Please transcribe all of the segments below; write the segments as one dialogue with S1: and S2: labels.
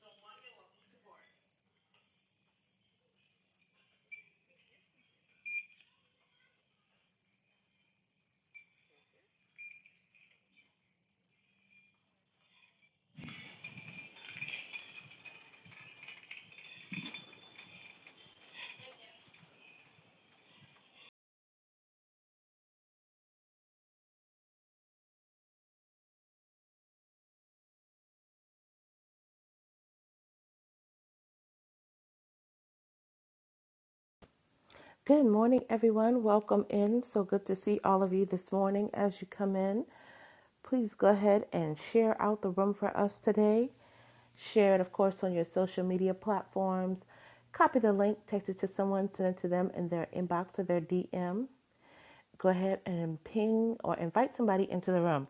S1: So one minute, one support.
S2: Good morning, everyone. Welcome in. So good to see all of you this morning as you come in. Please go ahead and share out the room for us today. Share it, of course, on your social media platforms. Copy the link, text it to someone, send it to them in their inbox or their DM go ahead and ping or invite somebody into the room.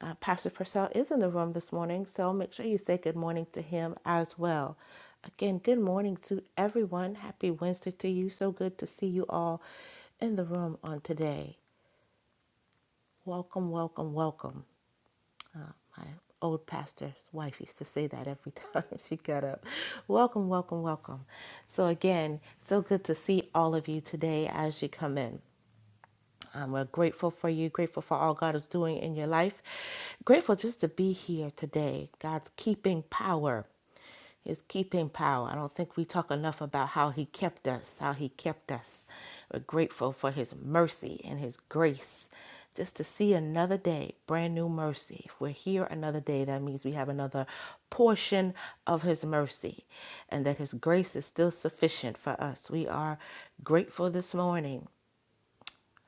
S2: Uh, Pastor Purcell is in the room this morning, so make sure you say good morning to him as well. Again, good morning to everyone. Happy Wednesday to you. So good to see you all in the room on today. Welcome, welcome, welcome. My old pastor's wife used to say that every time she got up. Welcome, welcome, welcome. So, again, so good to see all of you today as you come in. Um, we're grateful for you, grateful for all God is doing in your life, grateful just to be here today. God's keeping power his keeping power. I don't think we talk enough about how he kept us, how he kept us. We're grateful for his mercy and his grace. Just to see another day, brand new mercy. If we're here another day, that means we have another portion of his mercy and that his grace is still sufficient for us. We are grateful this morning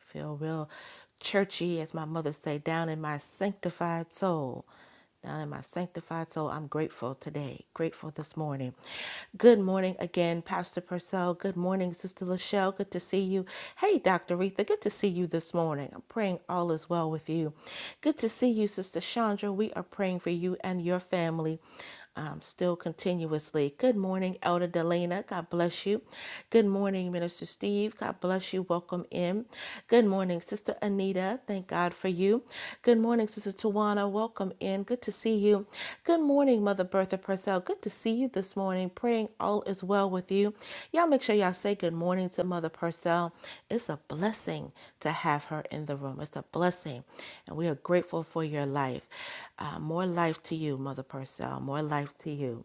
S2: feel real churchy, as my mother say, down in my sanctified soul. Down in my sanctified soul, I'm grateful today, grateful this morning. Good morning again, Pastor Purcell. Good morning, Sister Lachelle. Good to see you. Hey, Dr. Retha, good to see you this morning. I'm praying all is well with you. Good to see you, Sister Chandra. We are praying for you and your family um, still continuously. Good morning, Elder Delana. God bless you. Good morning, Minister Steve. God bless you. Welcome in. Good morning, Sister Anita. Thank God for you. Good morning, Sister Tawana. Welcome in. Good to see you. Good morning, Mother Bertha. Purcell. Good to see you this morning. Praying all is well with you. Y'all make sure y'all say good morning to Mother Purcell. It's a blessing to have her in the room. It's a blessing. And we are grateful for your life. Uh, more life to you, Mother Purcell. More life to you.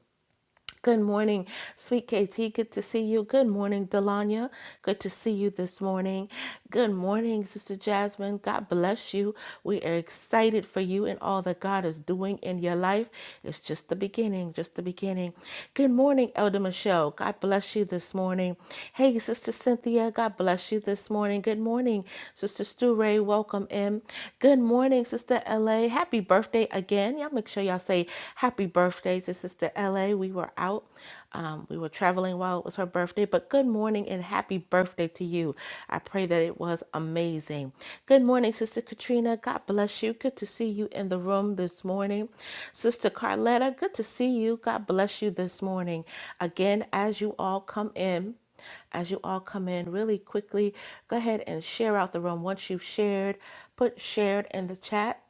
S2: Good morning, sweet KT. Good to see you. Good morning, Delanya. Good to see you this morning. Good morning, Sister Jasmine. God bless you. We are excited for you and all that God is doing in your life. It's just the beginning, just the beginning. Good morning, Elder Michelle. God bless you this morning. Hey, Sister Cynthia. God bless you this morning. Good morning, Sister Stu Ray. Welcome in. Good morning, Sister LA. Happy birthday again. Y'all make sure y'all say Happy birthday to Sister LA. We were out, um, we were traveling while it was her birthday, but good morning and happy birthday to you. I pray that it was amazing. Good morning, Sister Katrina. God bless you. Good to see you in the room this morning. Sister Carletta, good to see you. God bless you this morning. Again, as you all come in, as you all come in really quickly go ahead and share out the room once you've shared put shared in the chat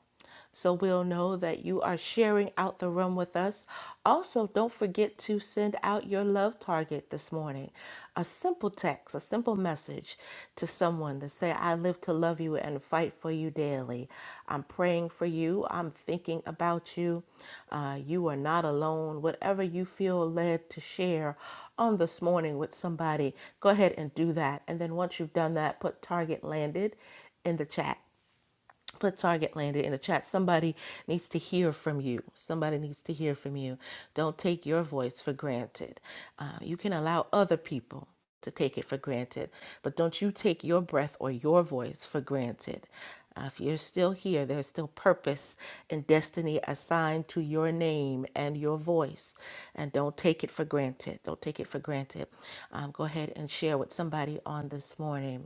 S2: so we'll know that you are sharing out the room with us. Also, don't forget to send out your love target this morning a simple text, a simple message to someone to say, I live to love you and fight for you daily. I'm praying for you. I'm thinking about you. Uh, you are not alone. Whatever you feel led to share on this morning with somebody, go ahead and do that. And then once you've done that, put target landed in the chat put target landed in the chat somebody needs to hear from you somebody needs to hear from you don't take your voice for granted Uh, you can allow other people to take it for granted but don't you take your breath or your voice for granted Uh, if you're still here there's still purpose and destiny assigned to your name and your voice and don't take it for granted don't take it for granted um, go ahead and share with somebody on this morning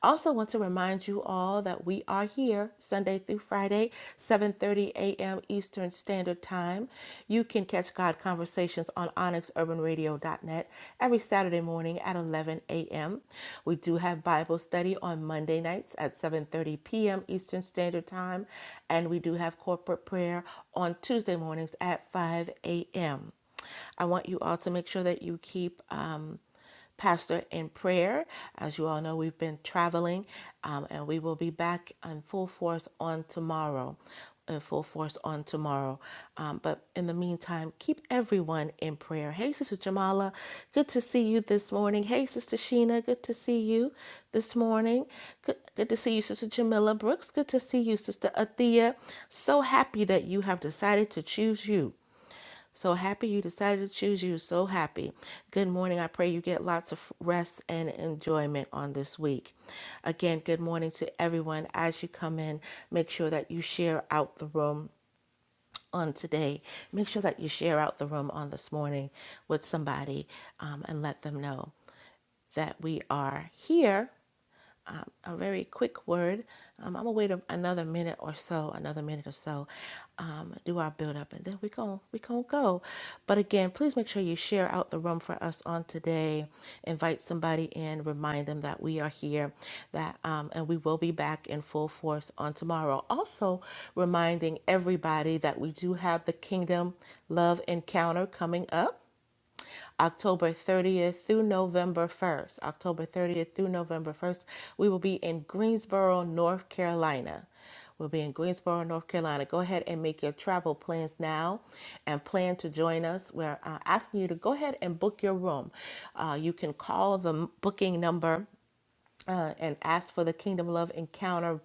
S2: I Also want to remind you all that we are here Sunday through Friday, 7:30 a.m. Eastern Standard Time. You can catch God Conversations on onyxurbanradio.net every Saturday morning at 11 a.m. We do have Bible study on Monday nights at 7:30 p.m. Eastern Standard Time, and we do have corporate prayer on Tuesday mornings at 5 a.m. I want you all to make sure that you keep um, pastor in prayer. As you all know, we've been traveling um, and we will be back in full force on tomorrow. In full force on tomorrow. Um, but in the meantime, keep everyone in prayer. Hey, Sister Jamala, good to see you this morning. Hey, Sister Sheena, good to see you this morning. Good, good to see you, Sister Jamila Brooks. Good to see you, Sister Athea. So happy that you have decided to choose you so happy you decided to choose you. So happy. Good morning. I pray you get lots of rest and enjoyment on this week. Again, good morning to everyone. As you come in, make sure that you share out the room on today. Make sure that you share out the room on this morning with somebody um, and let them know that we are here a very quick word. Um, I'm gonna wait a, another minute or so, another minute or so, um, do our build up, and then we gon' we gon' go. But again, please make sure you share out the room for us on today. Invite somebody in, remind them that we are here, that um, and we will be back in full force on tomorrow. Also, reminding everybody that we do have the Kingdom Love Encounter coming up October 30th through November 1st. October 30th through November 1st, we will be in Greensboro, North Carolina. We'll be in Greensboro, North Carolina. Go ahead and make your travel plans now and plan to join us. We're uh, asking you to go ahead and book your room. Uh, you can call the booking number uh, and ask for the Kingdom Love Encounter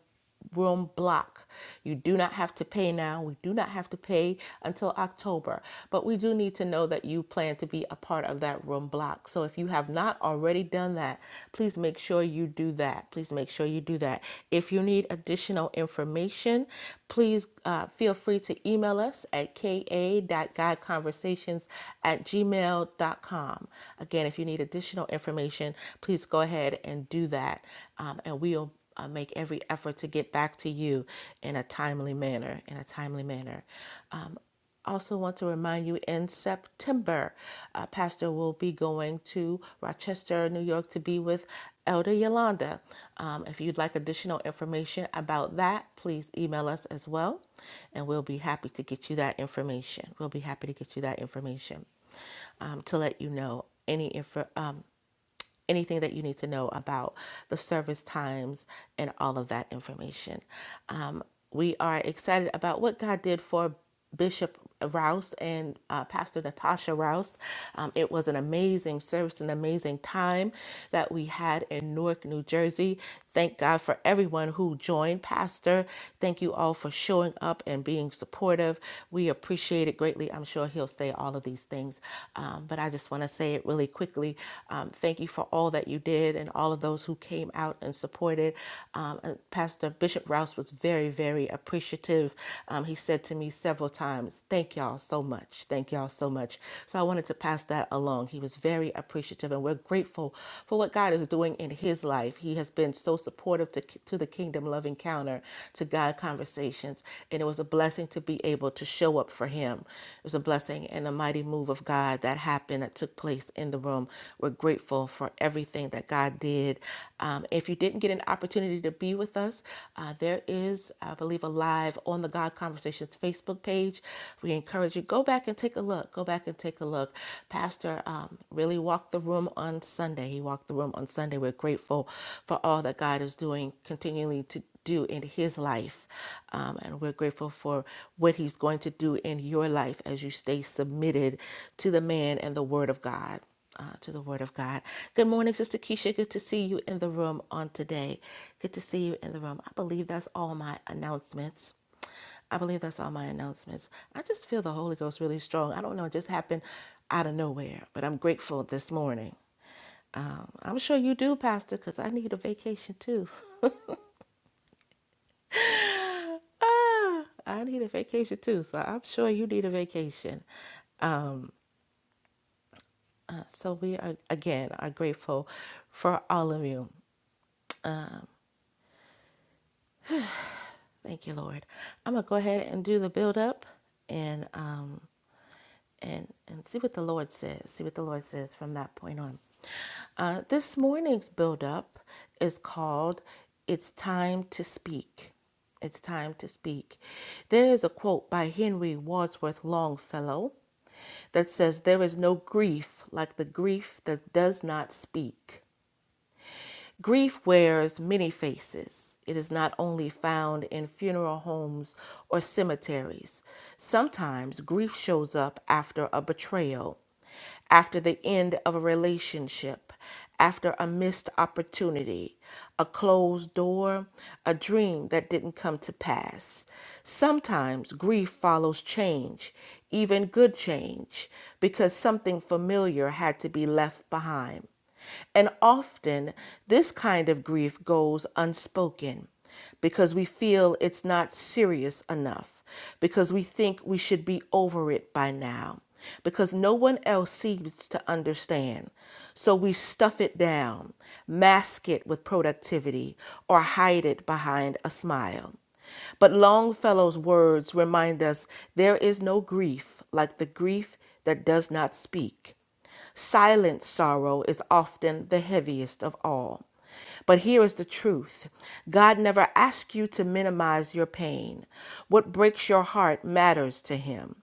S2: room block. You do not have to pay now. We do not have to pay until October, but we do need to know that you plan to be a part of that room block. So if you have not already done that, please make sure you do that. Please make sure you do that. If you need additional information, information, please uh, feel free to email us at ka.guideconversations at gmail.com. Again, if you need additional information, please go ahead and do that, um, and we'll uh, make every effort to get back to you in a timely manner. In a timely manner. Um, also want to remind you in September, uh, Pastor will be going to Rochester, New York to be with Elder Yolanda. Um, if you'd like additional information about that, please email us as well, and we'll be happy to get you that information. We'll be happy to get you that information um, to let you know any info. um, anything that you need to know about the service times and all of that information. Um, we are excited about what God did for Bishop Rouse and uh, Pastor Natasha Rouse. Um, it was an amazing service, an amazing time that we had in Newark, New Jersey. Thank God for everyone who joined, Pastor. Thank you all for showing up and being supportive. We appreciate it greatly. I'm sure he'll say all of these these things. Um, but I just want to say it really quickly. Um, thank you for all that you did and all of those who came out and supported. Um, and Pastor Bishop Rouse was very, very appreciative. Um, he said to me several times, Thank y'all so much. Thank y'all so much. So I wanted to pass that along. He was very appreciative, and we're grateful for what God is doing in his life. He has been so supportive to, to the Kingdom Love Encounter, to God Conversations, and it was was a blessing to be able to show up for him. It was a blessing and a mighty move of God that happened, that took place in the room. We're grateful for everything that God did. Um, if you didn't get an opportunity to be with us, uh, there is, I believe, a live on the God Conversations Facebook page. We encourage you, go back and take a look. Go back and take a look. Pastor um, really walked the room on Sunday. He walked the room on Sunday. We're grateful for all that God is doing continually to do in his life. Um, and we're grateful for what he's going to do in your life as you stay submitted to the man and the word of God. Uh, to the word of God. Good morning, Sister Keisha. Good to see you in the room on today. Good to see you in the room. I believe that's all my announcements. I believe that's all my announcements. I just feel the Holy Ghost really strong. I don't know, it just happened out of nowhere, but I'm grateful this morning. Um, I'm sure you do, Pastor, because I need a vacation too. Ah, I need a vacation too. So I'm sure you need a vacation. Uh, So we are again are grateful for all of you. Thank you, Lord. I'm gonna go ahead and do the build up and um and and see what the Lord says. See what the Lord says from that point on. Uh, this morning's build up is called "It's Time to Speak." It's time to speak. There is a quote by Henry Wadsworth Longfellow that says, There is no grief like the grief that does not speak. Grief wears many faces. It is not only found in funeral homes or cemeteries. Sometimes grief shows up after a betrayal, after the end of a relationship, after a missed opportunity, a closed door, a dream that didn't come to pass. Sometimes grief follows change, even good change, because something familiar had to be left behind. And often this kind of grief goes unspoken because we feel it's not serious enough, because we think we should be over it by now, because no one else seems to understand. So we stuff it down, mask it with productivity, or hide it behind a smile. But Longfellow's words remind us there is no grief like the grief that does not speak. Silent sorrow is often the heaviest of all. But here is the truth God never asks you to minimize your pain. What breaks your heart matters to Him,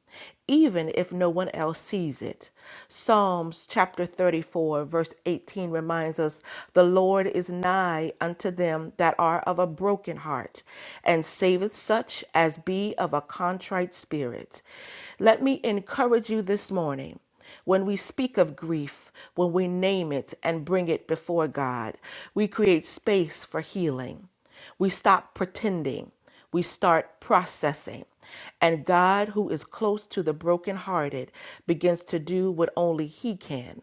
S2: even if no one else sees it. Psalms chapter 34, verse 18 reminds us the Lord is nigh unto them that are of a broken heart, and saveth such as be of a contrite spirit. Let me encourage you this morning. When we speak of grief, when we name it and bring it before God, we create space for healing. We stop pretending, we start processing. And God, who is close to the brokenhearted, begins to do what only He can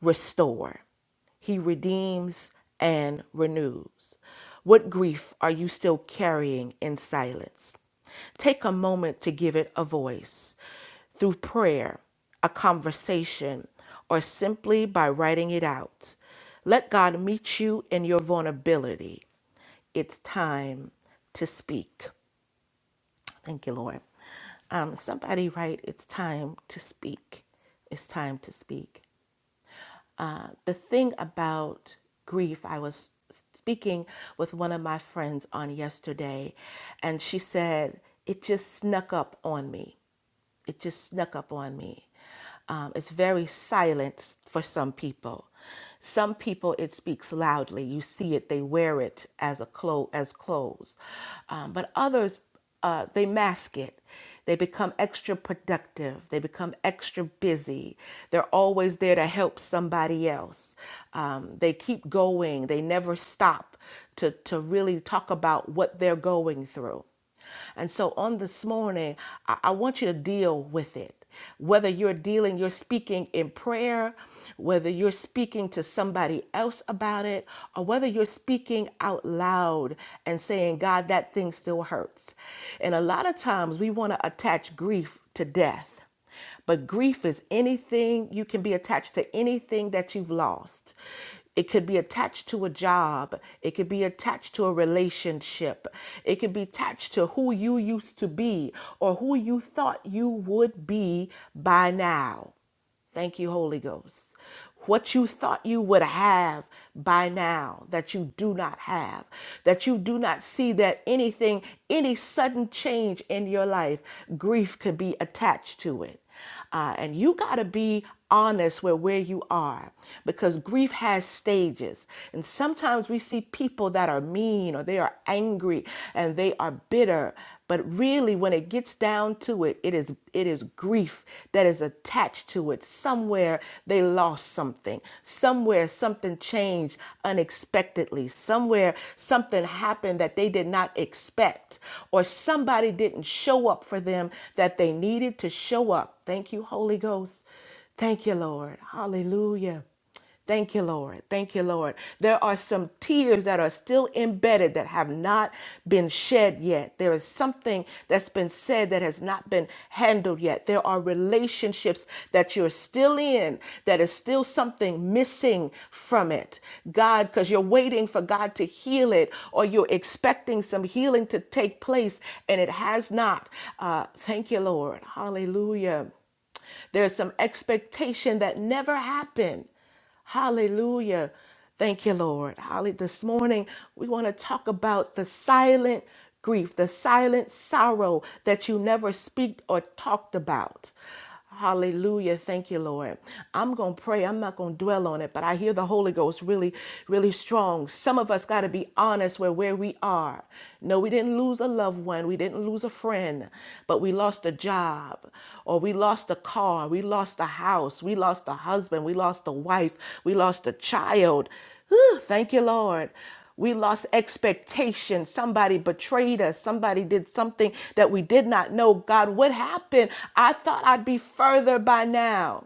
S2: restore. He redeems and renews. What grief are you still carrying in silence? Take a moment to give it a voice through prayer, a conversation, or simply by writing it out. Let God meet you in your vulnerability. It's time to speak. Thank you, Lord. Um, somebody write, It's time to speak. It's time to speak. Uh, the thing about grief, I was speaking with one of my friends on yesterday, and she said, It just snuck up on me it just snuck up on me. Um, it's very silent for some people. Some people it speaks loudly. You see it. They wear it as a clo- as clothes, um, but others uh, they mask it. They become extra productive. They become extra busy. They're always there to help somebody else. Um, they keep going. They never stop to to really talk about what they're going through and so on this morning, I, I want you to deal with it. Whether you're dealing, you're speaking in prayer, whether you're speaking to somebody else about it, or whether you're speaking out loud and saying, God, that thing still hurts. And a lot of times we want to attach grief to death. But grief is anything, you can be attached to anything that you've lost. It could be attached to a job. It could be attached to a relationship. It could be attached to who you used to be or who you thought you would be by now. Thank you, Holy Ghost. What you thought you would have by now that you do not have, that you do not see that anything, any sudden change in your life, grief could be attached to it. Uh, and you got to be honest with where you are because grief has stages. And sometimes we see people that are mean or they are angry and they are bitter. But really, when it gets down to it, it is it is grief that is attached to it. Somewhere they lost something. Somewhere something changed unexpectedly. Somewhere something happened that they did not expect, or somebody didn't show up for them that they needed to show up. Thank you, Holy Ghost. Thank you, Lord. Hallelujah. Thank you, Lord. Thank you, Lord. There are some tears that are still embedded that have not been shed yet. There is something that's been said that has not been handled yet. There are relationships that you're still in that is still something missing from it. God, because you're waiting for God to heal it or you're expecting some healing to take place and it has not. Uh, thank you, Lord. Hallelujah. There's some expectation that never happened. Hallelujah. Thank you, Lord. Holly, this morning we want to talk about the silent grief, the silent sorrow that you never speak or talked about. Hallelujah. Thank you, Lord. I'm going to pray. I'm not going to dwell on it, but I hear the Holy Ghost really, really strong. Some of us got to be honest where we're where we are. No, we didn't lose a loved one, we didn't lose a friend, but we lost a job, or we lost a car, we lost a house, we lost a husband, we lost a wife, we lost a child. Whew, thank you, Lord. We lost expectation. Somebody betrayed us. Somebody did something that we did not know. God, what happened? I thought I'd be further by now.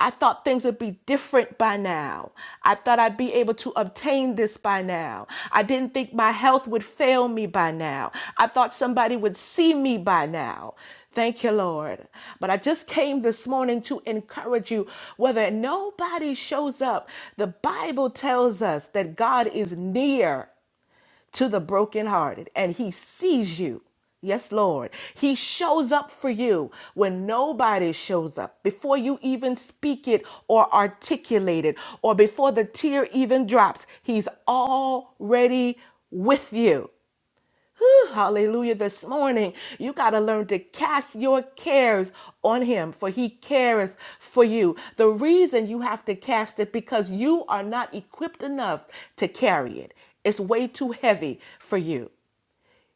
S2: I thought things would be different by now. I thought I'd be able to obtain this by now. I didn't think my health would fail me by now. I thought somebody would see me by now. Thank you, Lord. But I just came this morning to encourage you. Whether nobody shows up, the Bible tells us that God is near to the brokenhearted, and He sees you. Yes, Lord. He shows up for you when nobody shows up, before you even speak it or articulate it, or before the tear even drops. He's already with you. Hallelujah. This morning, you got to learn to cast your cares on Him, for He careth for you. The reason you have to cast it because you are not equipped enough to carry it, it's way too heavy for you.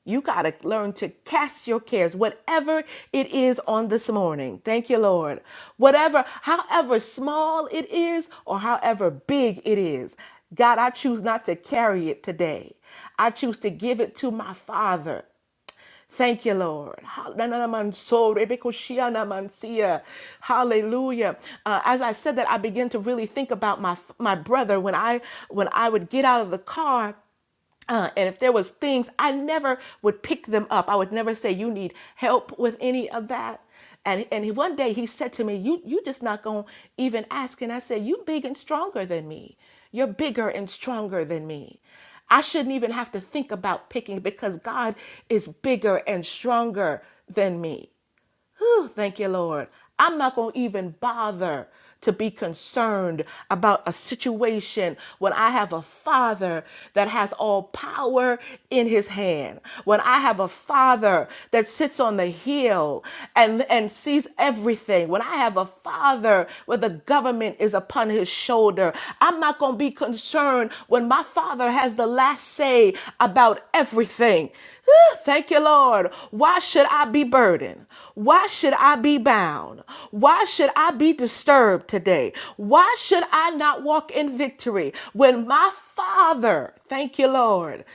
S2: You got to learn to cast your cares, whatever it is on this morning. Thank you, Lord. Whatever, however small it is or however big it is, God, I choose not to carry it today. I choose to give it to my Father. Thank you, Lord. so, Hallelujah. Uh, as I said that, I began to really think about my my brother when I when I would get out of the car uh, and if there was things i never would pick them up i would never say you need help with any of that and and one day he said to me you you just not gonna even ask and i said you big and stronger than me you're bigger and stronger than me i shouldn't even have to think about picking because god is bigger and stronger than me Whew, thank you, Lord. I'm not going to even bother to be concerned about a situation when I have a father that has all power in his hand. When I have a father that sits on the hill and, and sees everything. When I have a father where the government is upon his shoulder. I'm not going to be concerned when my father has the last say about everything. Whew, Thank you, Lord. Why should I be burdened? Why should I be bound? Why should I be disturbed today? Why should I not walk in victory when my Father, thank you, Lord,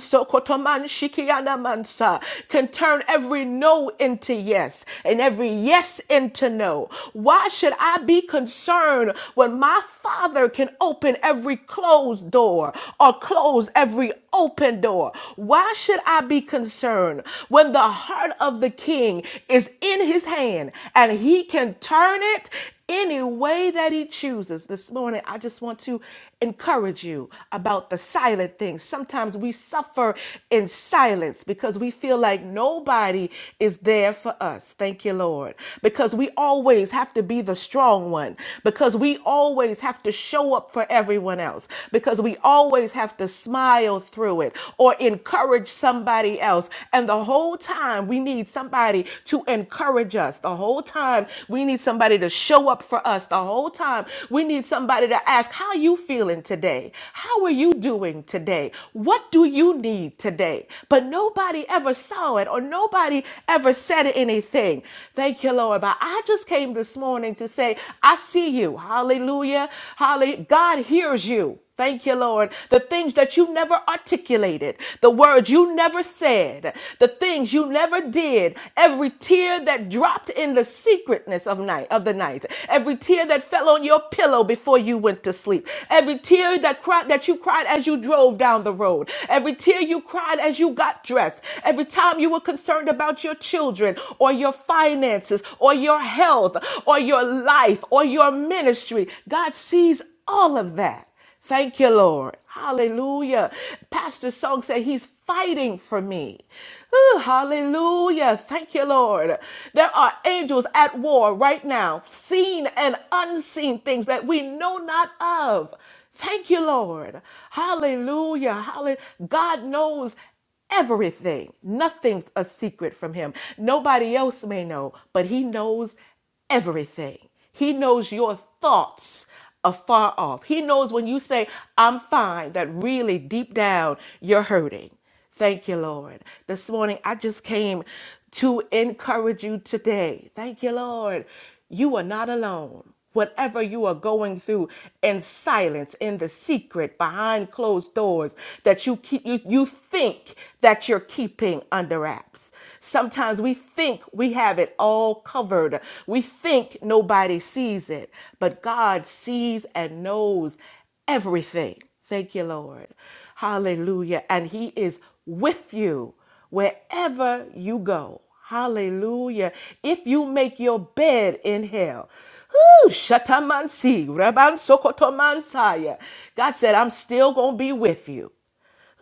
S2: so can turn every no into yes and every yes into no? Why should I be concerned when my Father can open every closed door or close every open door? Why should I be concerned when the the heart of the king is in his hand and he can turn it any way that he chooses. This morning, I just want to encourage you about the silent things. Sometimes we suffer in silence because we feel like nobody is there for us. Thank you, Lord. Because we always have to be the strong one, because we always have to show up for everyone else, because we always have to smile through it or encourage somebody else. And the whole time we need somebody to encourage us. The whole time we need somebody to show up for us. The whole time we need somebody to ask, how are you feeling today? How are you doing today? What do you need today? But nobody ever saw it or nobody ever said anything. Thank you, Lord. But I just came this morning to say, I see you. Hallelujah. Hallelujah. God hears you. Thank you, Lord. The things that you never articulated, the words you you never said, the things you never did, every tear that dropped in the secretness of night of the night, every tear that fell on your pillow before you went to sleep, every tear that cried that you cried as you drove down the road, every tear you cried as you got dressed, every time you were concerned about your children or your finances or your health or your life or your ministry. God sees all of that. Thank you, Lord. Hallelujah. Pastor Song said he's fighting for me. Ooh, hallelujah. Thank you, Lord. There are angels at war right now, seen and unseen things that we know not of. Thank you, Lord. Hallelujah. Hallelujah. God knows everything. Nothing's a secret from him. Nobody else may know, but he knows everything. He knows your thoughts afar off. He knows when you say, I'm fine, that really deep down you're hurting. Thank you, Lord. This morning I just came to encourage you today. Thank you, Lord. You are not alone. Whatever you are going through in silence, in the secret, behind closed doors, that you keep you, you think that you're keeping under wraps. Sometimes we think we have it all covered. We think nobody sees it, but God sees and knows everything. Thank you, Lord. Hallelujah. And He is with you wherever you go. Hallelujah. If you make your bed in hell. Whew, shatamansi, rabansokotomansaya. God said, I'm still going to be with you.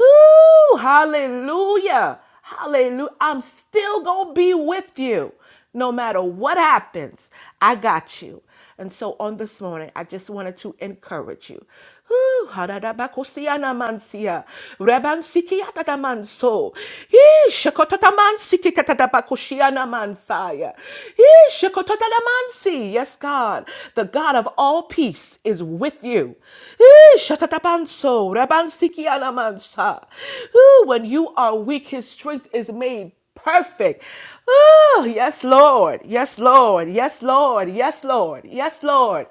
S2: Ooh, hallelujah. Hallelujah. I'm still going to be with you no matter what happens. I got you. And so on this morning, I just wanted to encourage you. Ooh, hadadabakosiana mansia, rebansikiatata manso, ee, shekotata mansikitatadabakoshiana mansaya, ee, shekotata mansi. Yes, God, the God of all peace is with you. He Shatatapanso, rabansiki alamansa. Ooh, When you are weak, his strength is made perfect. Oh, yes, Lord. Yes, Lord. Yes, Lord. Yes, Lord. Yes, Lord.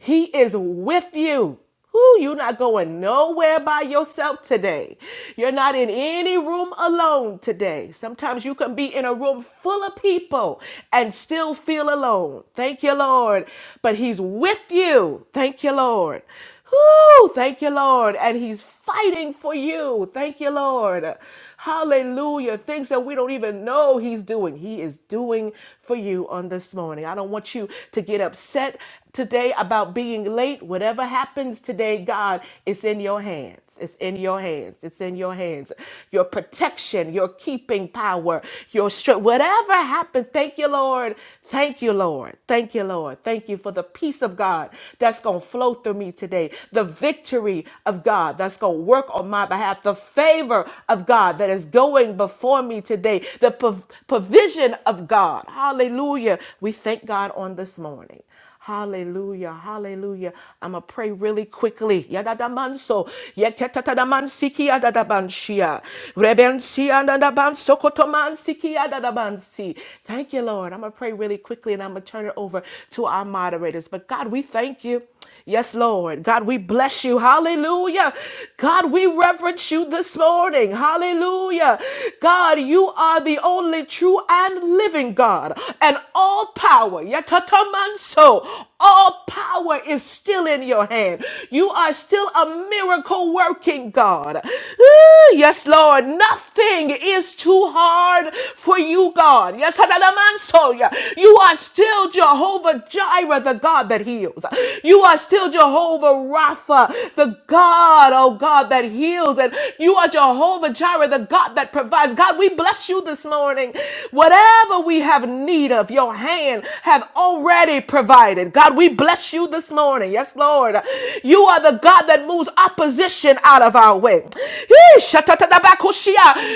S2: He is with you. Who you're not going nowhere by yourself today. You're not in any room alone today. Sometimes you can be in a room full of people and still feel alone. Thank you, Lord. But He's with you. Thank you, Lord. Whoo, thank you, Lord. And he's fighting for you. Thank you, Lord. Hallelujah. Things that we don't even know he's doing, he is doing for you on this morning. I don't want you to get upset today about being late. Whatever happens today, God, it's in your hands. It's in your hands. It's in your hands. Your protection, your keeping power, your strength, whatever happened, thank you, Lord. Thank you, Lord. Thank you, Lord. Thank you for the peace peace of God that's going to flow through me today, the victory of God that's going to work on my behalf, the favor of God that is going before me today, the prov- provision of God. Hallelujah. We thank God on this morning. Hallelujah, hallelujah. I'm going to pray really quickly. Yadadamanso, yeketatadamansiki adadabanshia, rebensi adadabansokotomansiki adadabansi. Thank you, Lord. I'm going to pray really quickly quickly, and I'm going to turn it over to our moderators. But God, we thank you. Yes, Lord. God, we bless you. Hallelujah. God, we reverence you this morning. Hallelujah. God, you are the only true and living God and all power. Yatatamanso. All power is still in your hand. You are still a miracle working God. Ooh, yes, Lord. Nothing is too hard for you, God. Yes, Hadalamansoya. you are still Jehovah Jireh, the God that heals. You are still Jehovah Rapha, the God, oh God, that heals. And you are Jehovah Jireh, the God that provides. God, we bless you this morning. Whatever we have need of, your hand have already already provided. God, we bless you this morning. Yes, Lord. You are the God that moves opposition out of our way.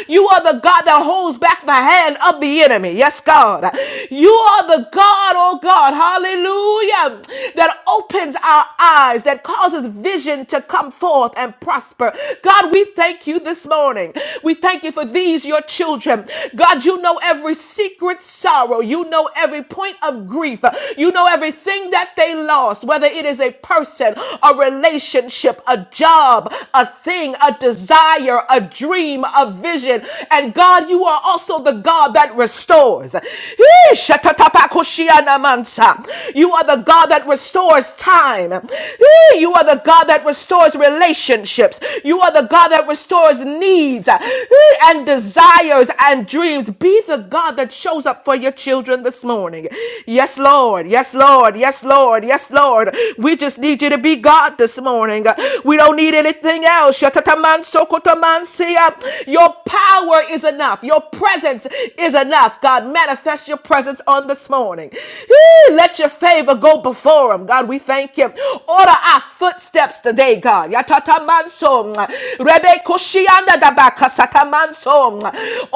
S2: You are the God that holds back the hand of the enemy. Yes, God. You are the God, oh God, hallelujah, that opens our eyes, that causes vision to come forth and prosper. God, we thank you this morning. We thank you for these, your children. God, you know every secret sorrow. You know every point point of grief. You know everything that they lost, whether it is a person, a relationship, a job, a thing, a desire, a dream, a vision. And God, you are also the God that restores. You are the God that restores time. You are the God that restores relationships. You are the God that restores needs and desires and dreams. Be the God that shows up for your children children this morning. Yes, Lord. Yes, Lord. Yes, Lord. Yes, Lord. We just need you to be God this morning. We don't need anything else. Your power is enough. Your presence is enough. God, manifest your presence on this morning. Let your favor go before him. God, we thank you. Order our footsteps today, God.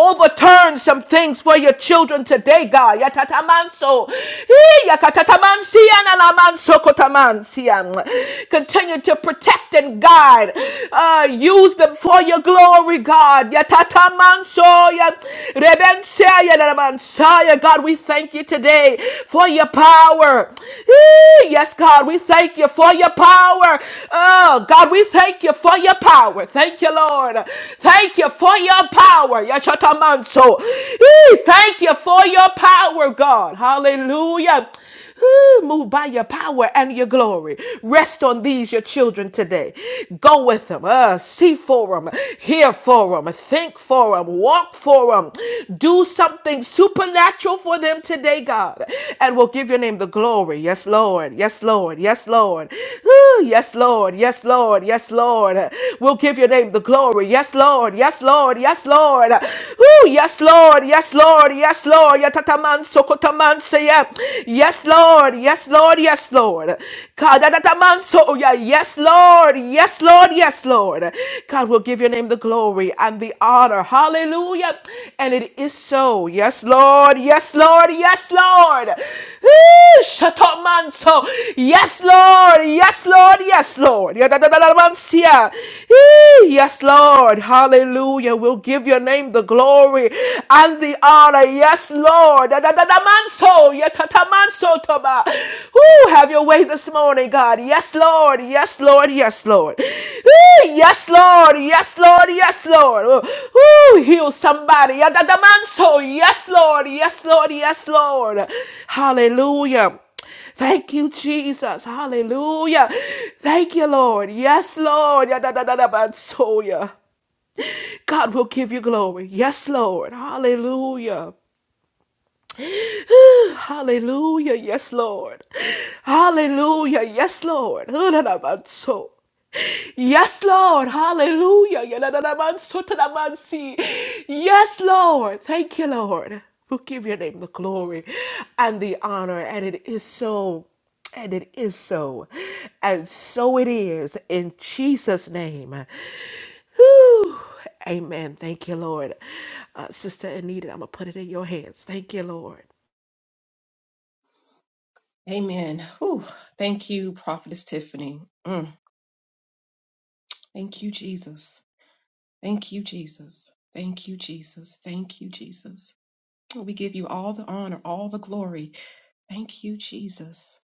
S2: Overturn some things for you your children today, God. Yatatamanso. Eh, yakatatamansia nanamanso kotamansia. Continue to protect and guide. Uh, use them for your glory, God. Yatatamanso ya- rebensia ya nanamansaya. God, we thank you today for your power. Eh, Yes, God, we thank you for your power. Oh, God, we thank you for your power. Thank you, Lord. Thank you for your power. Yashatamanso. Hey, Thank you for your power, God. Hallelujah. Hey, Move by your power and your glory. Rest on these, your children, today. Go with them. Uh, see for them. Hear for them. Think for them. Walk for them. Do something supernatural for them today, God. And we'll give your name the glory. Yes, Lord. Yes, Lord. Yes, Lord. Woo, Yes, Lord. Yes, Lord. Yes, Lord. We'll give your name the glory. Yes, Lord. Yes, Lord. Yes, Lord. God. Ooh, yes, Lord. Yes, Lord. Yes, Lord. Yatataman sokotaman seya. Yes, Lord. Yes, Lord. Yes, Lord. God, yatataman so oh, yeah. Yes, Lord. Yes, Lord. Yes, Lord. God will give your name the glory and the honor. Hallelujah. And it is so. Yes, Lord. Yes, Lord. Yes, Lord. Ooh, shataman so. Yes, Lord. Yes, Lord. Yes, Lord. Yatataman siya. Ee, Yes, Lord. Hallelujah. Hallelujah. We'll give your name the glory and the honor. Yes, Lord. Da, da, da, da, manso. Ya, ta, ta, have your way this morning, God. Yes, Lord. Yes, Lord. Yes, Lord. Woo, Yes, Lord. Yes, Lord. Yes, Lord. Woo, heal somebody. Ya, da, da, manso. Yes, Lord. Yes, Lord. Yes, Lord. Hallelujah. Thank you, Jesus. Hallelujah. Thank you, Lord. Yes, Lord. da da da da ba so God will give you glory. Yes, Lord. Hallelujah. Hallelujah. Yes, Lord. Hallelujah. Yes, Lord. Hallelujah. Yes, Lord. Hallelujah. Yadadadabansotandabansi. Yes, Lord. Thank you, Lord. We'll give your name the glory and the honor. And it is so. And it is so. And so it is in Jesus' name. Whew. Amen. Thank you, Lord. Uh, Sister Anita, I'm going to put it in your hands. Thank you, Lord.
S3: Amen. Whew. Thank you, Prophetess Tiffany. Mm. Thank you, Jesus. Thank you, Jesus. Thank you, Jesus. Thank you, Jesus. We give you all the honor, all the glory. Thank you, Jesus.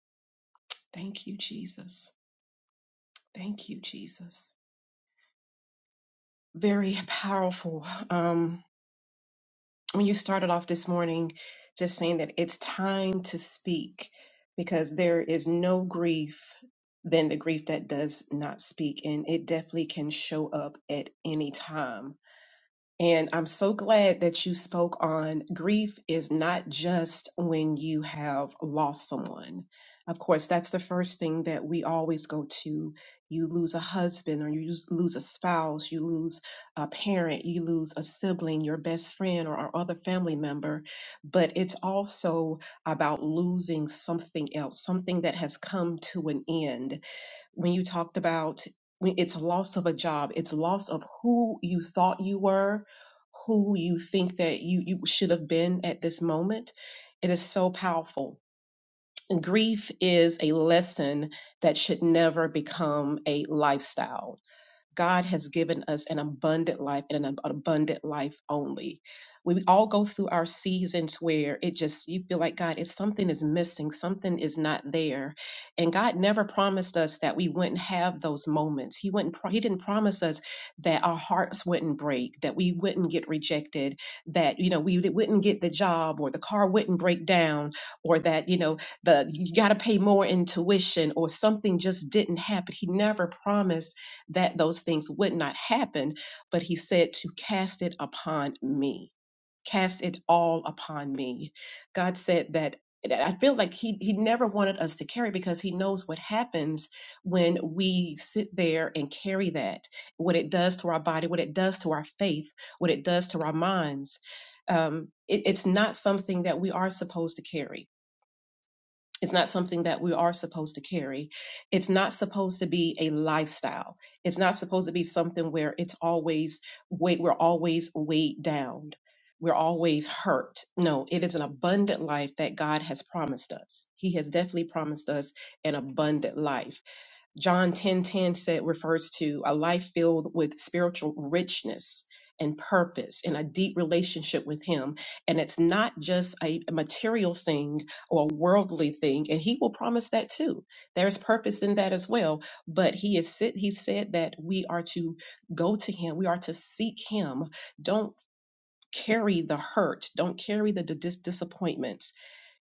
S3: Thank you, Jesus. Thank you, Jesus. Very powerful. Um, when you started off this morning just saying that it's time to speak because there is no grief than the grief that does not speak and it definitely can show up at any time and I'm so glad that you spoke on grief is not just when you have lost someone. Of course, that's the first thing that we always go to. You lose a husband, or you lose lose a spouse, you lose a parent, you lose a sibling, your best friend, or, or other family member. But it's also about losing something else, something that has come to an end when you talked about when it's loss of a job, it's loss of who you thought you were, who you think that you, you should have been at this moment. It is so powerful. Grief is a lesson that should never become a lifestyle God has given us an abundant life and an ab- abundant life only. We all go through our seasons where it just you feel like God, it's something is missing, something is not there, and God never promised us that we wouldn't have those moments. He wouldn't. pro- He didn't promise us that our hearts wouldn't break, that we wouldn't get rejected, that you know we d- wouldn't get the job or the car wouldn't break down, or that you know the you got to pay more in tuition or something just didn't happen. He never promised that those things would not happen, but he said to cast it upon me, cast it all upon me. God said that. that I feel like he, he never wanted us to carry because he knows what happens when we sit there and carry that, what it does to our body, what it does to our faith, what it does to our minds. Um, it, it's not something that we are supposed to carry it's not something that we are supposed to carry. It's not supposed to be a lifestyle. It's not supposed to be something where it's always weight, we're always weighed down. We're always hurt. No, it is an abundant life that God has promised us. He has definitely promised us an abundant life. John 10:10 said refers to a life filled with spiritual richness and purpose and a deep relationship with him and it's not just a material thing or a worldly thing and he will promise that too there's purpose in that as well but he is sit- he said that we are to go to him we are to seek him don't carry the hurt don't carry the dis- disappointments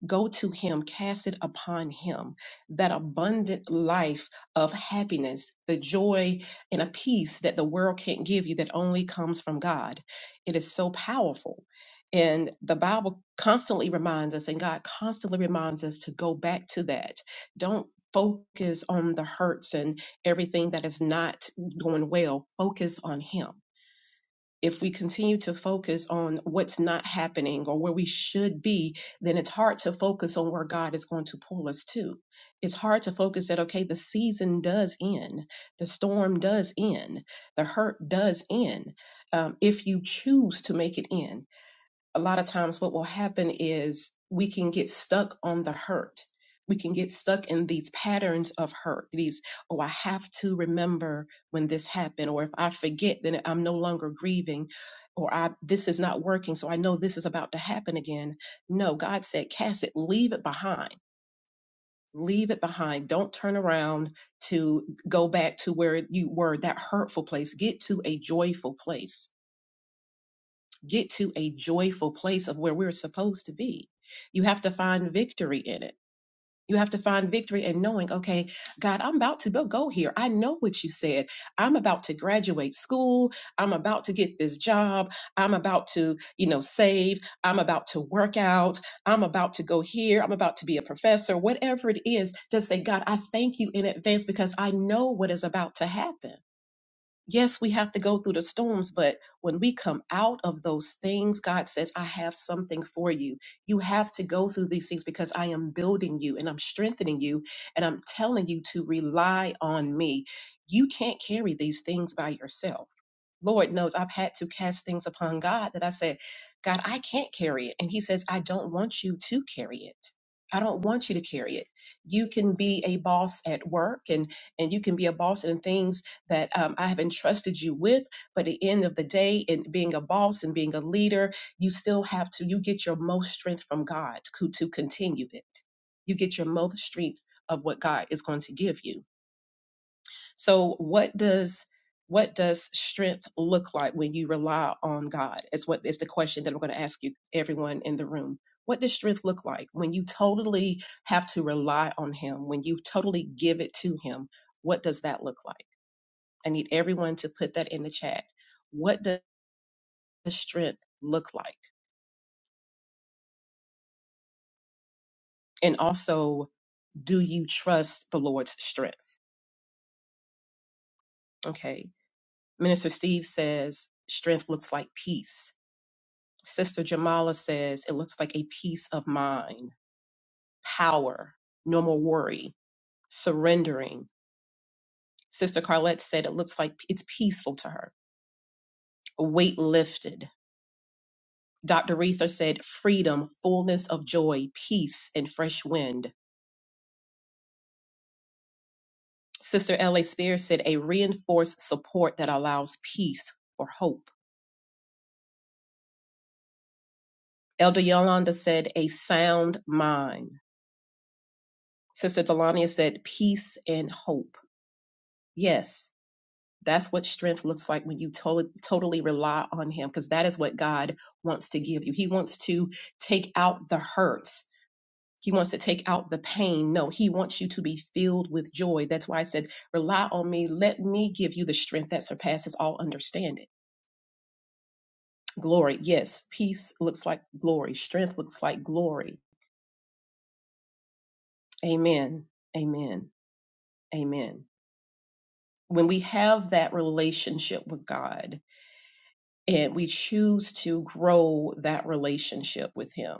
S3: Go to him, cast it upon him, that abundant life of happiness, the joy and a peace that the world can't give you that only comes from God. It is so powerful. And the Bible constantly reminds us, and God constantly reminds us to go back to that. Don't focus on the hurts and everything that is not going well. Focus on Him if we continue to focus on what's not happening or where we should be, then it's hard to focus on where God is going to pull us to. It's hard to focus that, okay, the season does end, the storm does end, the hurt does end, um, if you choose to make it end a lot of times what will happen is we can get stuck on the hurt. We can get stuck in these patterns of hurt. These, oh, I have to remember when this happened, or if I forget, then I'm no longer grieving, or I this is not working, so I know this is about to happen again. No, God said, cast it, leave it behind. Leave it behind. Don't turn around to go back to where you were, that hurtful place. Get to a joyful place get to a joyful place of where we're supposed to be. You have to find victory in it. You have to find victory in knowing, okay, God, I'm about to go go here. I know what you said. I'm about to graduate school. I'm about to get this job. I'm about to, you know, save. I'm about to work out. I'm about to go here. I'm about to be a professor. Whatever it is, just say, God, I thank you in advance because I know what is about to happen yes, we have to go through the storms, but when we come out of those things, God says, I have something for you. You have to go through these things because I am building you and I'm strengthening you and I'm telling you to rely on me. You can't carry these things by yourself Lord knows I've had to cast things upon God that I said, God, I can't carry it. And He says, I don't want you to carry it. I don't want you to carry it. You can be a boss at work and, and you can be a boss in things that um, I have entrusted you with. But at the end of the day, in being a boss and being a leader, you still have to, you get your most strength from God to, to continue it. You get your most strength of what God is going to give you so what does what does strength look like when you rely on God? Is what is the question that I'm going to ask you everyone in the room. What does strength look like when you totally have to rely on him, when you totally give it to him? What does that look like? I need everyone to put that in the chat. What does strength look like? And also, do you trust the Lord's strength? Okay. Minister Steve says strength looks like peace Sister Jamala says it looks like a peace of mind, power, no more worry, surrendering. Sister Carlette said it looks like it's peaceful to her, a weight lifted. Dr. Reether said freedom, fullness of joy, peace, and fresh wind. Sister L.A. Spears said a reinforced support that allows peace or hope. Elder Yolanda said a sound mind. Sister Delania said peace and hope. Yes, That's what strength looks like when you to- totally rely on Him, because that is what God wants to give you. He wants to take out the hurts. He wants to take out the pain. No, he wants you to be filled with joy. That's why I said, rely on me. Let me give you the strength that surpasses all understanding. Glory. Yes. Peace looks like glory. Strength looks like glory. Amen. Amen. Amen. When we have that relationship with God, and we choose to grow that relationship with him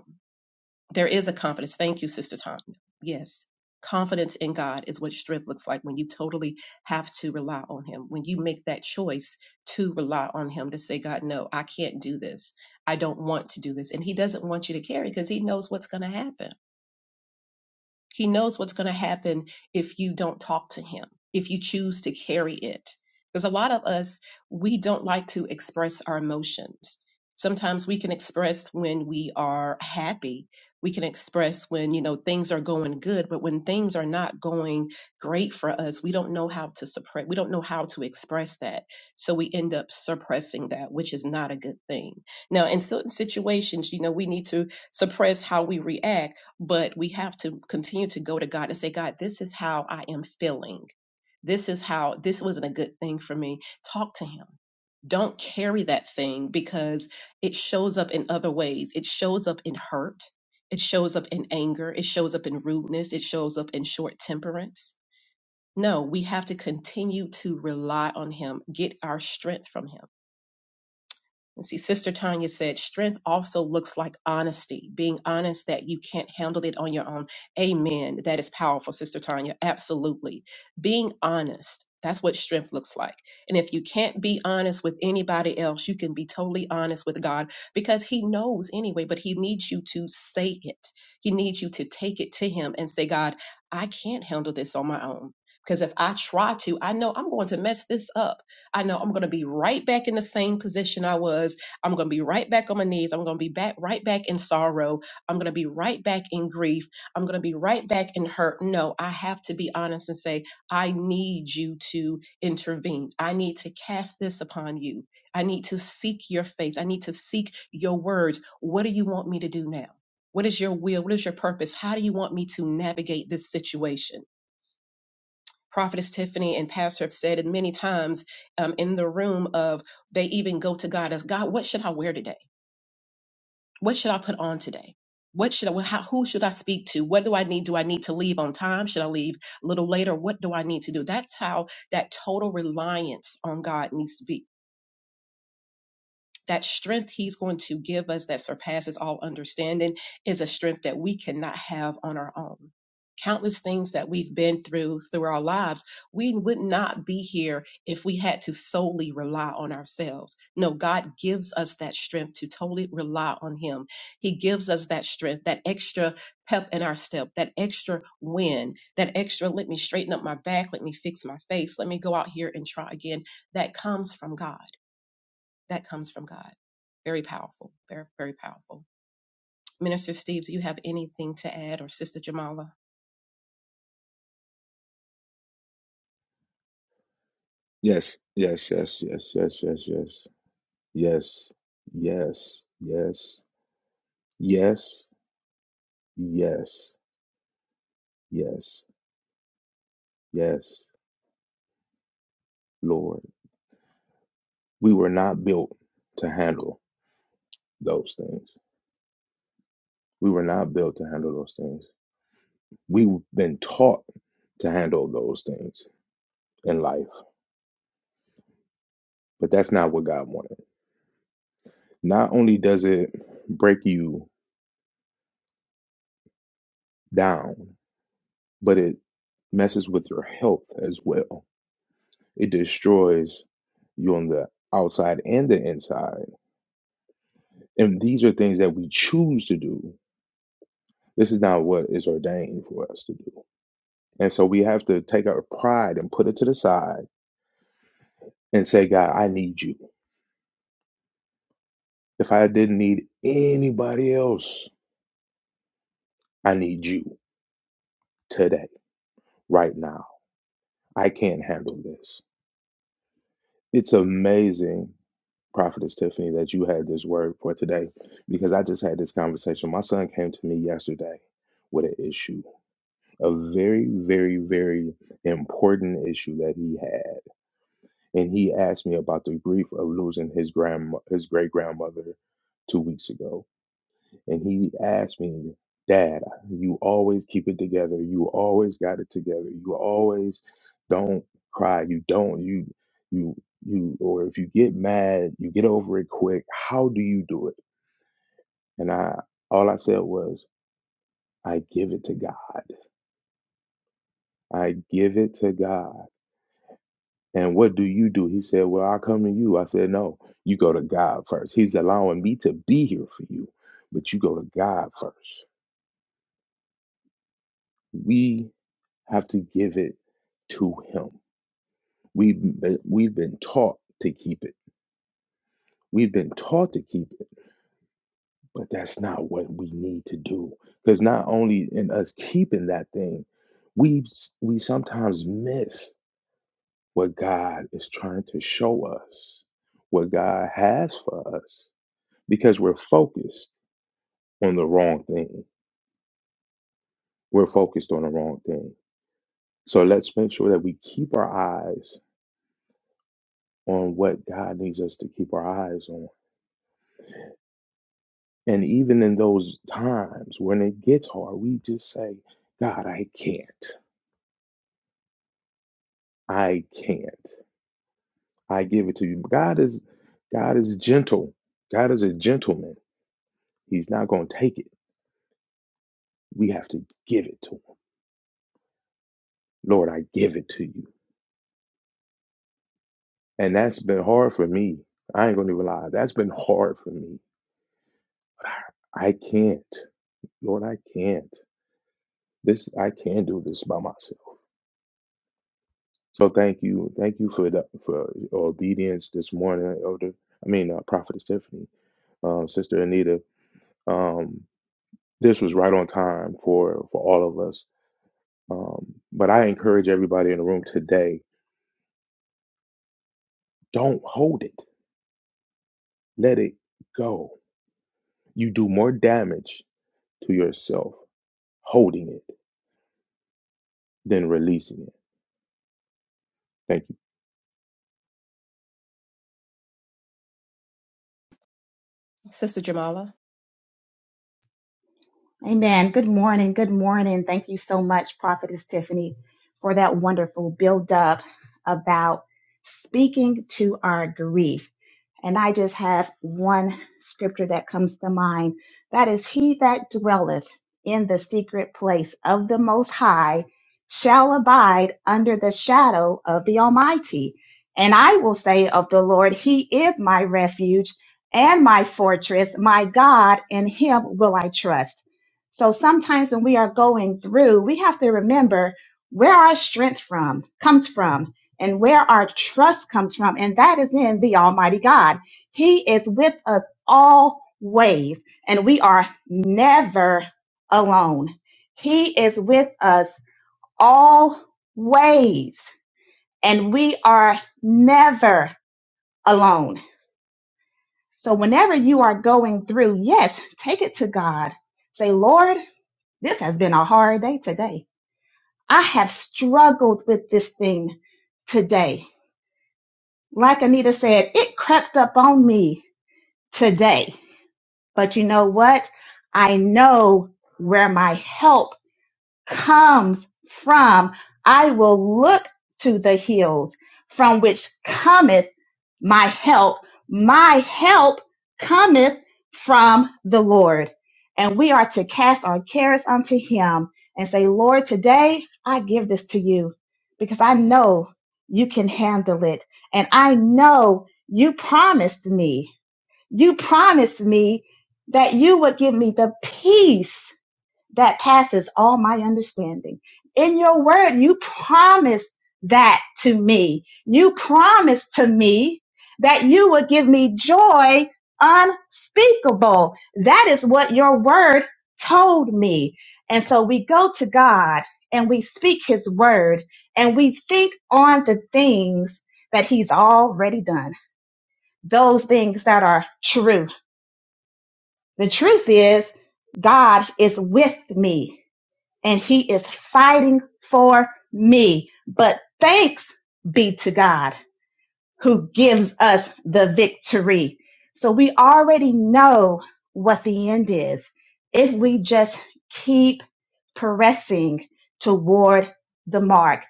S3: there is a confidence thank you sister tom yes confidence in god is what strength looks like when you totally have to rely on him when you make that choice to rely on him to say god no i can't do this i don't want to do this and he doesn't want you to carry because he knows what's going to happen he knows what's going to happen if you don't talk to him, if you choose to carry it. Because a lot of us, we don't like to express our emotions. Sometimes we can express when we are happy. We can express when, you know, things are going good, but when things are not going great for us, we don't know how to suppress, we don't know how to express that. So we end up suppressing that, which is not a good thing. Now, in certain situations, you know, we need to suppress how we react but we have to continue to go to God and say, God, this is how I am feeling. This is how this wasn't a good thing for me. Talk to Him. Don't carry that thing because it shows up in other ways. It shows up in hurt. It shows up in anger. It shows up in rudeness. It shows up in short temperance. No, we have to continue to rely on Him, get our strength from Him and see, Sister Tanya said, strength also looks like honesty, being honest that you can't handle it on your own. Amen. That is powerful, Sister Tanya. Absolutely. Being honest, that's what strength looks like. And if you can't be honest with anybody else, you can be totally honest with God because He knows anyway, but He needs you to say it. He needs you to take it to Him and say, God, I can't handle this on my own. Because if I try to, I know I'm going to mess this up. I know I'm going to be right back in the same position I was. I'm going to be right back on my knees. I'm going to be back right back in sorrow. I'm going to be right back in grief. I'm going to be right back in hurt. No, I have to be honest and say, I need you to intervene. I need to cast this upon you. I need to seek your face. I need to seek your words. What do you want me to do now? What is your will? What is your purpose? How do you want me to navigate this situation? prophetess tiffany and pastor have said it many times um, in the room of they even go to god as god what should i wear today what should i put on today what should i how, who should i speak to what do i need do i need to leave on time should i leave a little later what do i need to do that's how that total reliance on god needs to be That strength He's going to give us that surpasses all understanding is a strength that we cannot have on our own. Countless things that we've been through through our lives, we would not be here if we had to solely rely on ourselves. No, God gives us that strength to totally rely on Him. He gives us that strength, that extra pep in our step, that extra win, that extra let me straighten up my back, let me fix my face, let me go out here and try again. That comes from God that comes from God. Very powerful. Very, very powerful. Minister Steve, do you have anything to add or Sister Jamala?
S4: Yes, yes, yes, yes, yes, yes, yes, yes, yes, yes, yes, yes, yes, yes, Lord. We were not built to handle those things. We were not built to handle those things. We've been taught to handle those things in life, but that's not what God wanted. Not only does it break you down, but it messes with your health as well It destroys you on the outside and the inside. And these are things that we choose to do. This is not what is ordained for us to do. And so we have to take our pride and put it to the side and say, God, I need you. If I didn't need anybody else, I need you today, right now. I can't handle this. It's amazing, Prophetess Tiffany, that you had this word for today because I just had this conversation. My son came to me yesterday with an issue a very, very, very important issue that he had. And he asked me about the grief of losing his grand his great grandmother two weeks ago. And he asked me, Dad, you always keep it together. You always got it together. You always don't cry. You don't you you you or if you get mad, you get over it quick. How do you do it? And I all I said was, I give it to God. I give it to God. And what do you do? He said, Well, I come to you. I said, No, you go to God first. He's allowing me to be here for you, but you go to God first. We have to give it to Him. We've been, we've been taught to keep it. We've been taught to keep it, but that's not what we need to do. Because not only in us keeping that thing, we we sometimes miss what God is trying to show us, what God has for us because we're focused on the wrong thing. We're focused on the wrong thing. So let's make sure that we keep our eyes on what God needs us to keep our eyes on. And even in those times when it gets hard, we just say, God, I can't. I can't. I give it to you. God is God is gentle. God is a gentleman. He's not going to take it. We have to give it to him. Lord, I give it to you. And that's been hard for me. I ain't going to even lie. That's been hard for me I can't. Lord, I can't. This I can't do this by myself. So thank you. Thank you for the for your obedience this morning, Elder. I mean uh, Prophetess Tiffany, um, Sister Anita. Um, this was right on time for for all of us. Um, but I encourage everybody in the room today, don't hold it. Let it go. You do more damage to yourself holding it than releasing it. Thank you.
S3: Sister Jamala?
S5: Amen. Good morning. Good morning. Thank you so much, Prophetess Tiffany, for that wonderful build up about speaking to our grief. And I just have one scripture that comes to mind. That is, He that dwelleth in the secret place of the Most High shall abide under the shadow of the Almighty. And I will say of the Lord, He is my refuge and my fortress, my God, in Him will I trust. So sometimes when we are going through, we have to remember where our strength from comes from and where our trust comes from, and that is in the Almighty God. He is with us always, and we are never alone. He is with us always, and we are never alone. So whenever you are going through, yes, take it to God. Say, Lord, this has been a hard day today. I have struggled with this thing today. Like Anita said, it crept up on me today. But you know what? I know where my help comes from. I will look to the hills from which cometh my help. My help cometh from the Lord. And we are to cast our cares unto him and say, Lord, today I give this to you because I know you can handle it. And I know you promised me, you promised me that you would give me the peace that passes all my understanding. In your word, you promised that to me. You promised to me that you would give me joy unspeakable. That is what your word told me. And so we go to God and we speak his word and we think on the things that he's already done, those things that are true. The truth is God is with me and he is fighting for me. But thanks be to God who gives us the victory. So we already know what the end is if we just keep pressing toward the mark.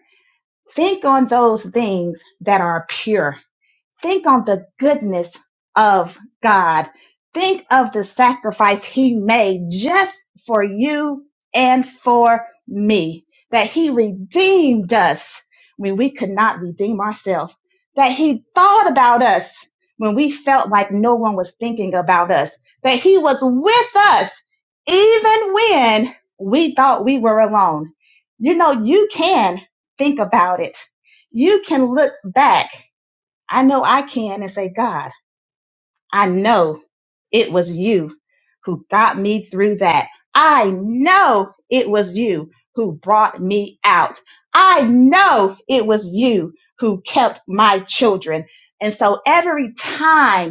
S5: Think on those things that are pure Think on the goodness of God. Think of the sacrifice he made just for you and for me, that he redeemed us when we could not redeem ourselves, that he thought about us when we felt like no one was thinking about us, that he was with us even when we thought we were alone. You know, you can think about it. You can look back I know I can and say, God, I know it was you who got me through that. I know it was you who brought me out. I know it was you who kept my children. And so every time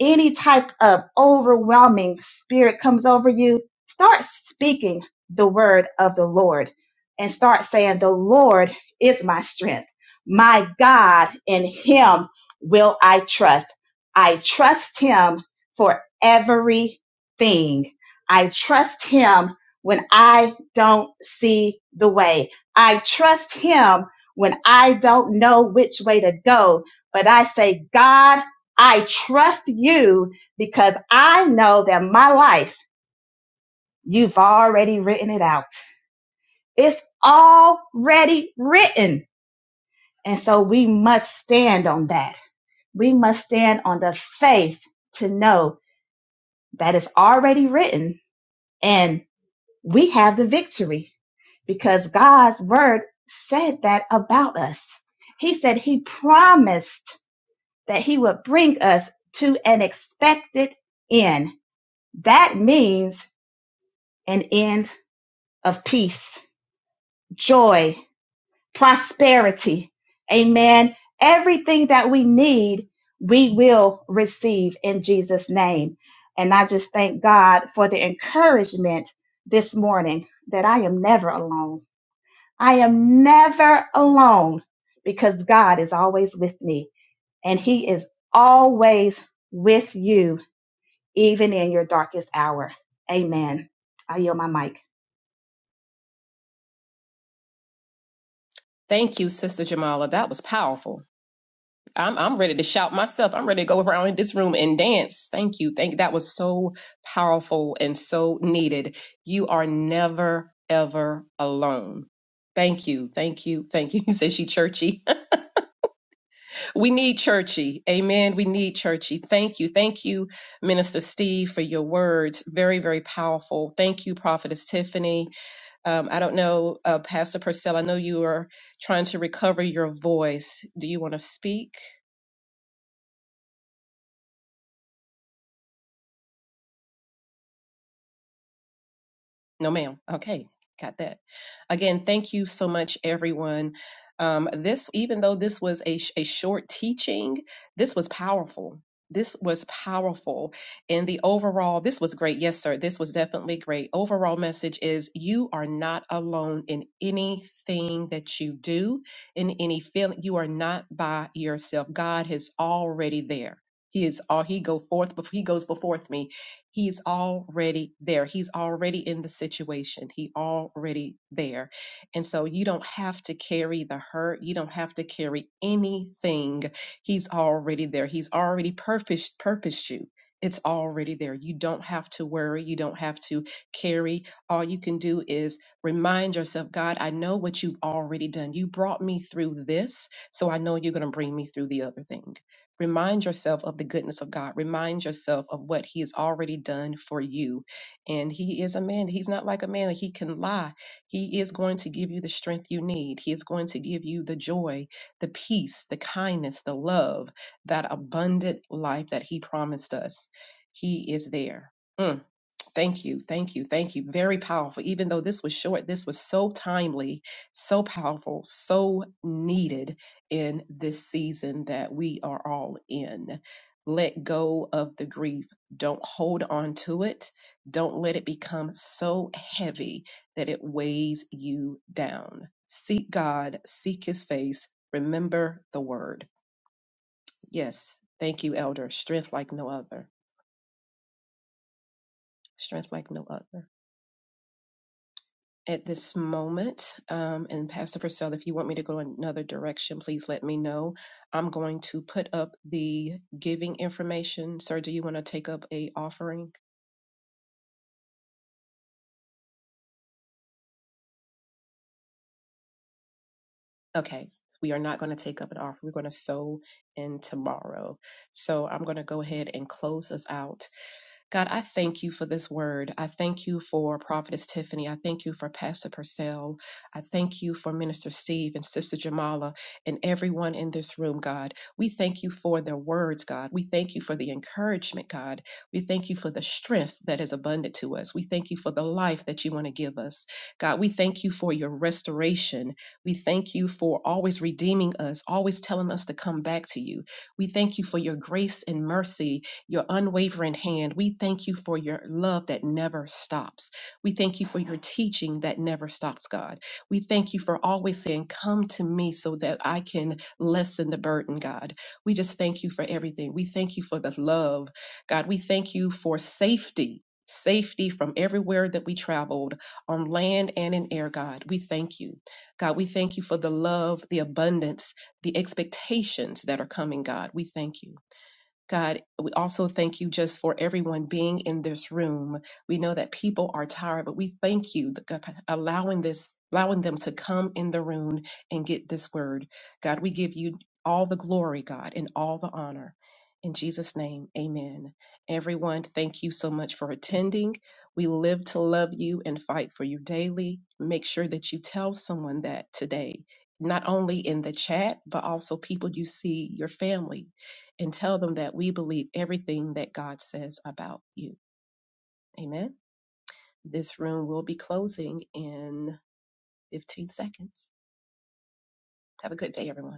S5: any type of overwhelming spirit comes over you, start speaking the word of the Lord and start saying, The Lord is my strength. My God, in Him will I trust. I trust Him for everything. I trust Him when I don't see the way. I trust Him when I don't know which way to go. But I say, God, I trust you because I know that my life, you've already written it out. It's already written. And so we must stand on that. We must stand on the faith to know that it's already written and we have the victory because God's word said that about us. He said he promised that he would bring us to an expected end. That means an end of peace, joy, prosperity. Amen. Everything that we need, we will receive in Jesus' name. And I just thank God for the encouragement this morning that I am never alone. I am never alone because God is always with me and He is always with you, even in your darkest hour. Amen. I yield my mic.
S3: Thank you, Sister Jamala. That was powerful. I'm I'm ready to shout myself. I'm ready to go around in this room and dance. Thank you. Thank that was so powerful and so needed. You are never ever alone. Thank you. Thank you. Thank you. You said she churchy. We need churchy. Amen. We need churchy. Thank you. Thank you, Minister Steve, for your words. Very, very powerful. Thank you, Prophetess Tiffany. Um, I don't know, uh, Pastor Purcell, I know you are trying to recover your voice. Do you want to speak? No, ma'am. Okay, got that. Again, thank you so much, everyone. Um, this, even though this was a, sh- a short teaching, this was powerful. This was powerful. And the overall, this was great. Yes, sir. This was definitely great. Overall message is you are not alone in anything that you do, in any feeling. You are not by yourself. God is already there. He is all he go forth, he goes before me He's already there. He's already in the situation. He already there. And so you don't have to carry the hurt. You don't have to carry anything. He's already there. He's already purposed purposed you. It's already there. You don't have to worry. You don't have to carry. All you can do is remind yourself, God, I know what you've already done. You brought me through this, so I know you're going to bring me through the other thing. Remind yourself of the goodness of God. Remind yourself of what He has already done for you. And He is a man. He's not like a man that He can lie. He is going to give you the strength you need. He is going to give you the joy, the peace, the kindness, the love, that abundant life that He promised us. He is there. Mm. Thank you, thank you, thank you. Very powerful. Even though this was short, this was so timely, so powerful, so needed in this season that we are all in. Let go of the grief. Don't hold on to it. Don't let it become so heavy that it weighs you down. Seek God, seek His face, remember the word. Yes, thank you, Elder. Strength like no other. Strength like no other. at this moment. Um, and Pastor Purcell, if you want me to go another direction, please let me know. I'm going to put up the giving information. Sir, do you want to take up a offering? Okay. We are not going to take up an offering. We're going to sow in tomorrow. So I'm going to go ahead and close us out. God, I thank you for this word. I thank you for Prophetess Tiffany. I thank you for Pastor Purcell. I thank you for Minister Steve and Sister Jamala and everyone in this room, God. We thank you for their words, God. We thank you for the encouragement, God. We thank you for the strength that is abundant to us. We thank you for the life that you want to give us. God, we thank you for your restoration. We thank you for always redeeming us, always telling us to come back to you. We thank you for your grace and mercy your unwavering hand. We thank you for your love that never stops. We thank you for your teaching that never stops, God. We thank you for always saying, Come to me so that I can lessen the burden, God. We just thank you for everything. We thank you for the love, God. We thank you for safety. Safety from everywhere that we traveled on land and in air, God. We thank you. God, we thank you for the love, the abundance, the expectations that are coming, God. We thank you. God, we also thank you just for everyone being in this room. We know that people are tired, but we thank you God, allowing this, allowing them to come in the room and get this word. God, we give you all the glory, God, and all the honor. In Jesus' name, amen. Everyone, thank you so much for attending. We live to love you and fight for you daily. Make sure that you tell someone that today, not only in the chat, but also people you see, your family, and tell them that we believe everything that God says about you. Amen. This room will be closing in 15 seconds. Have a good day, everyone.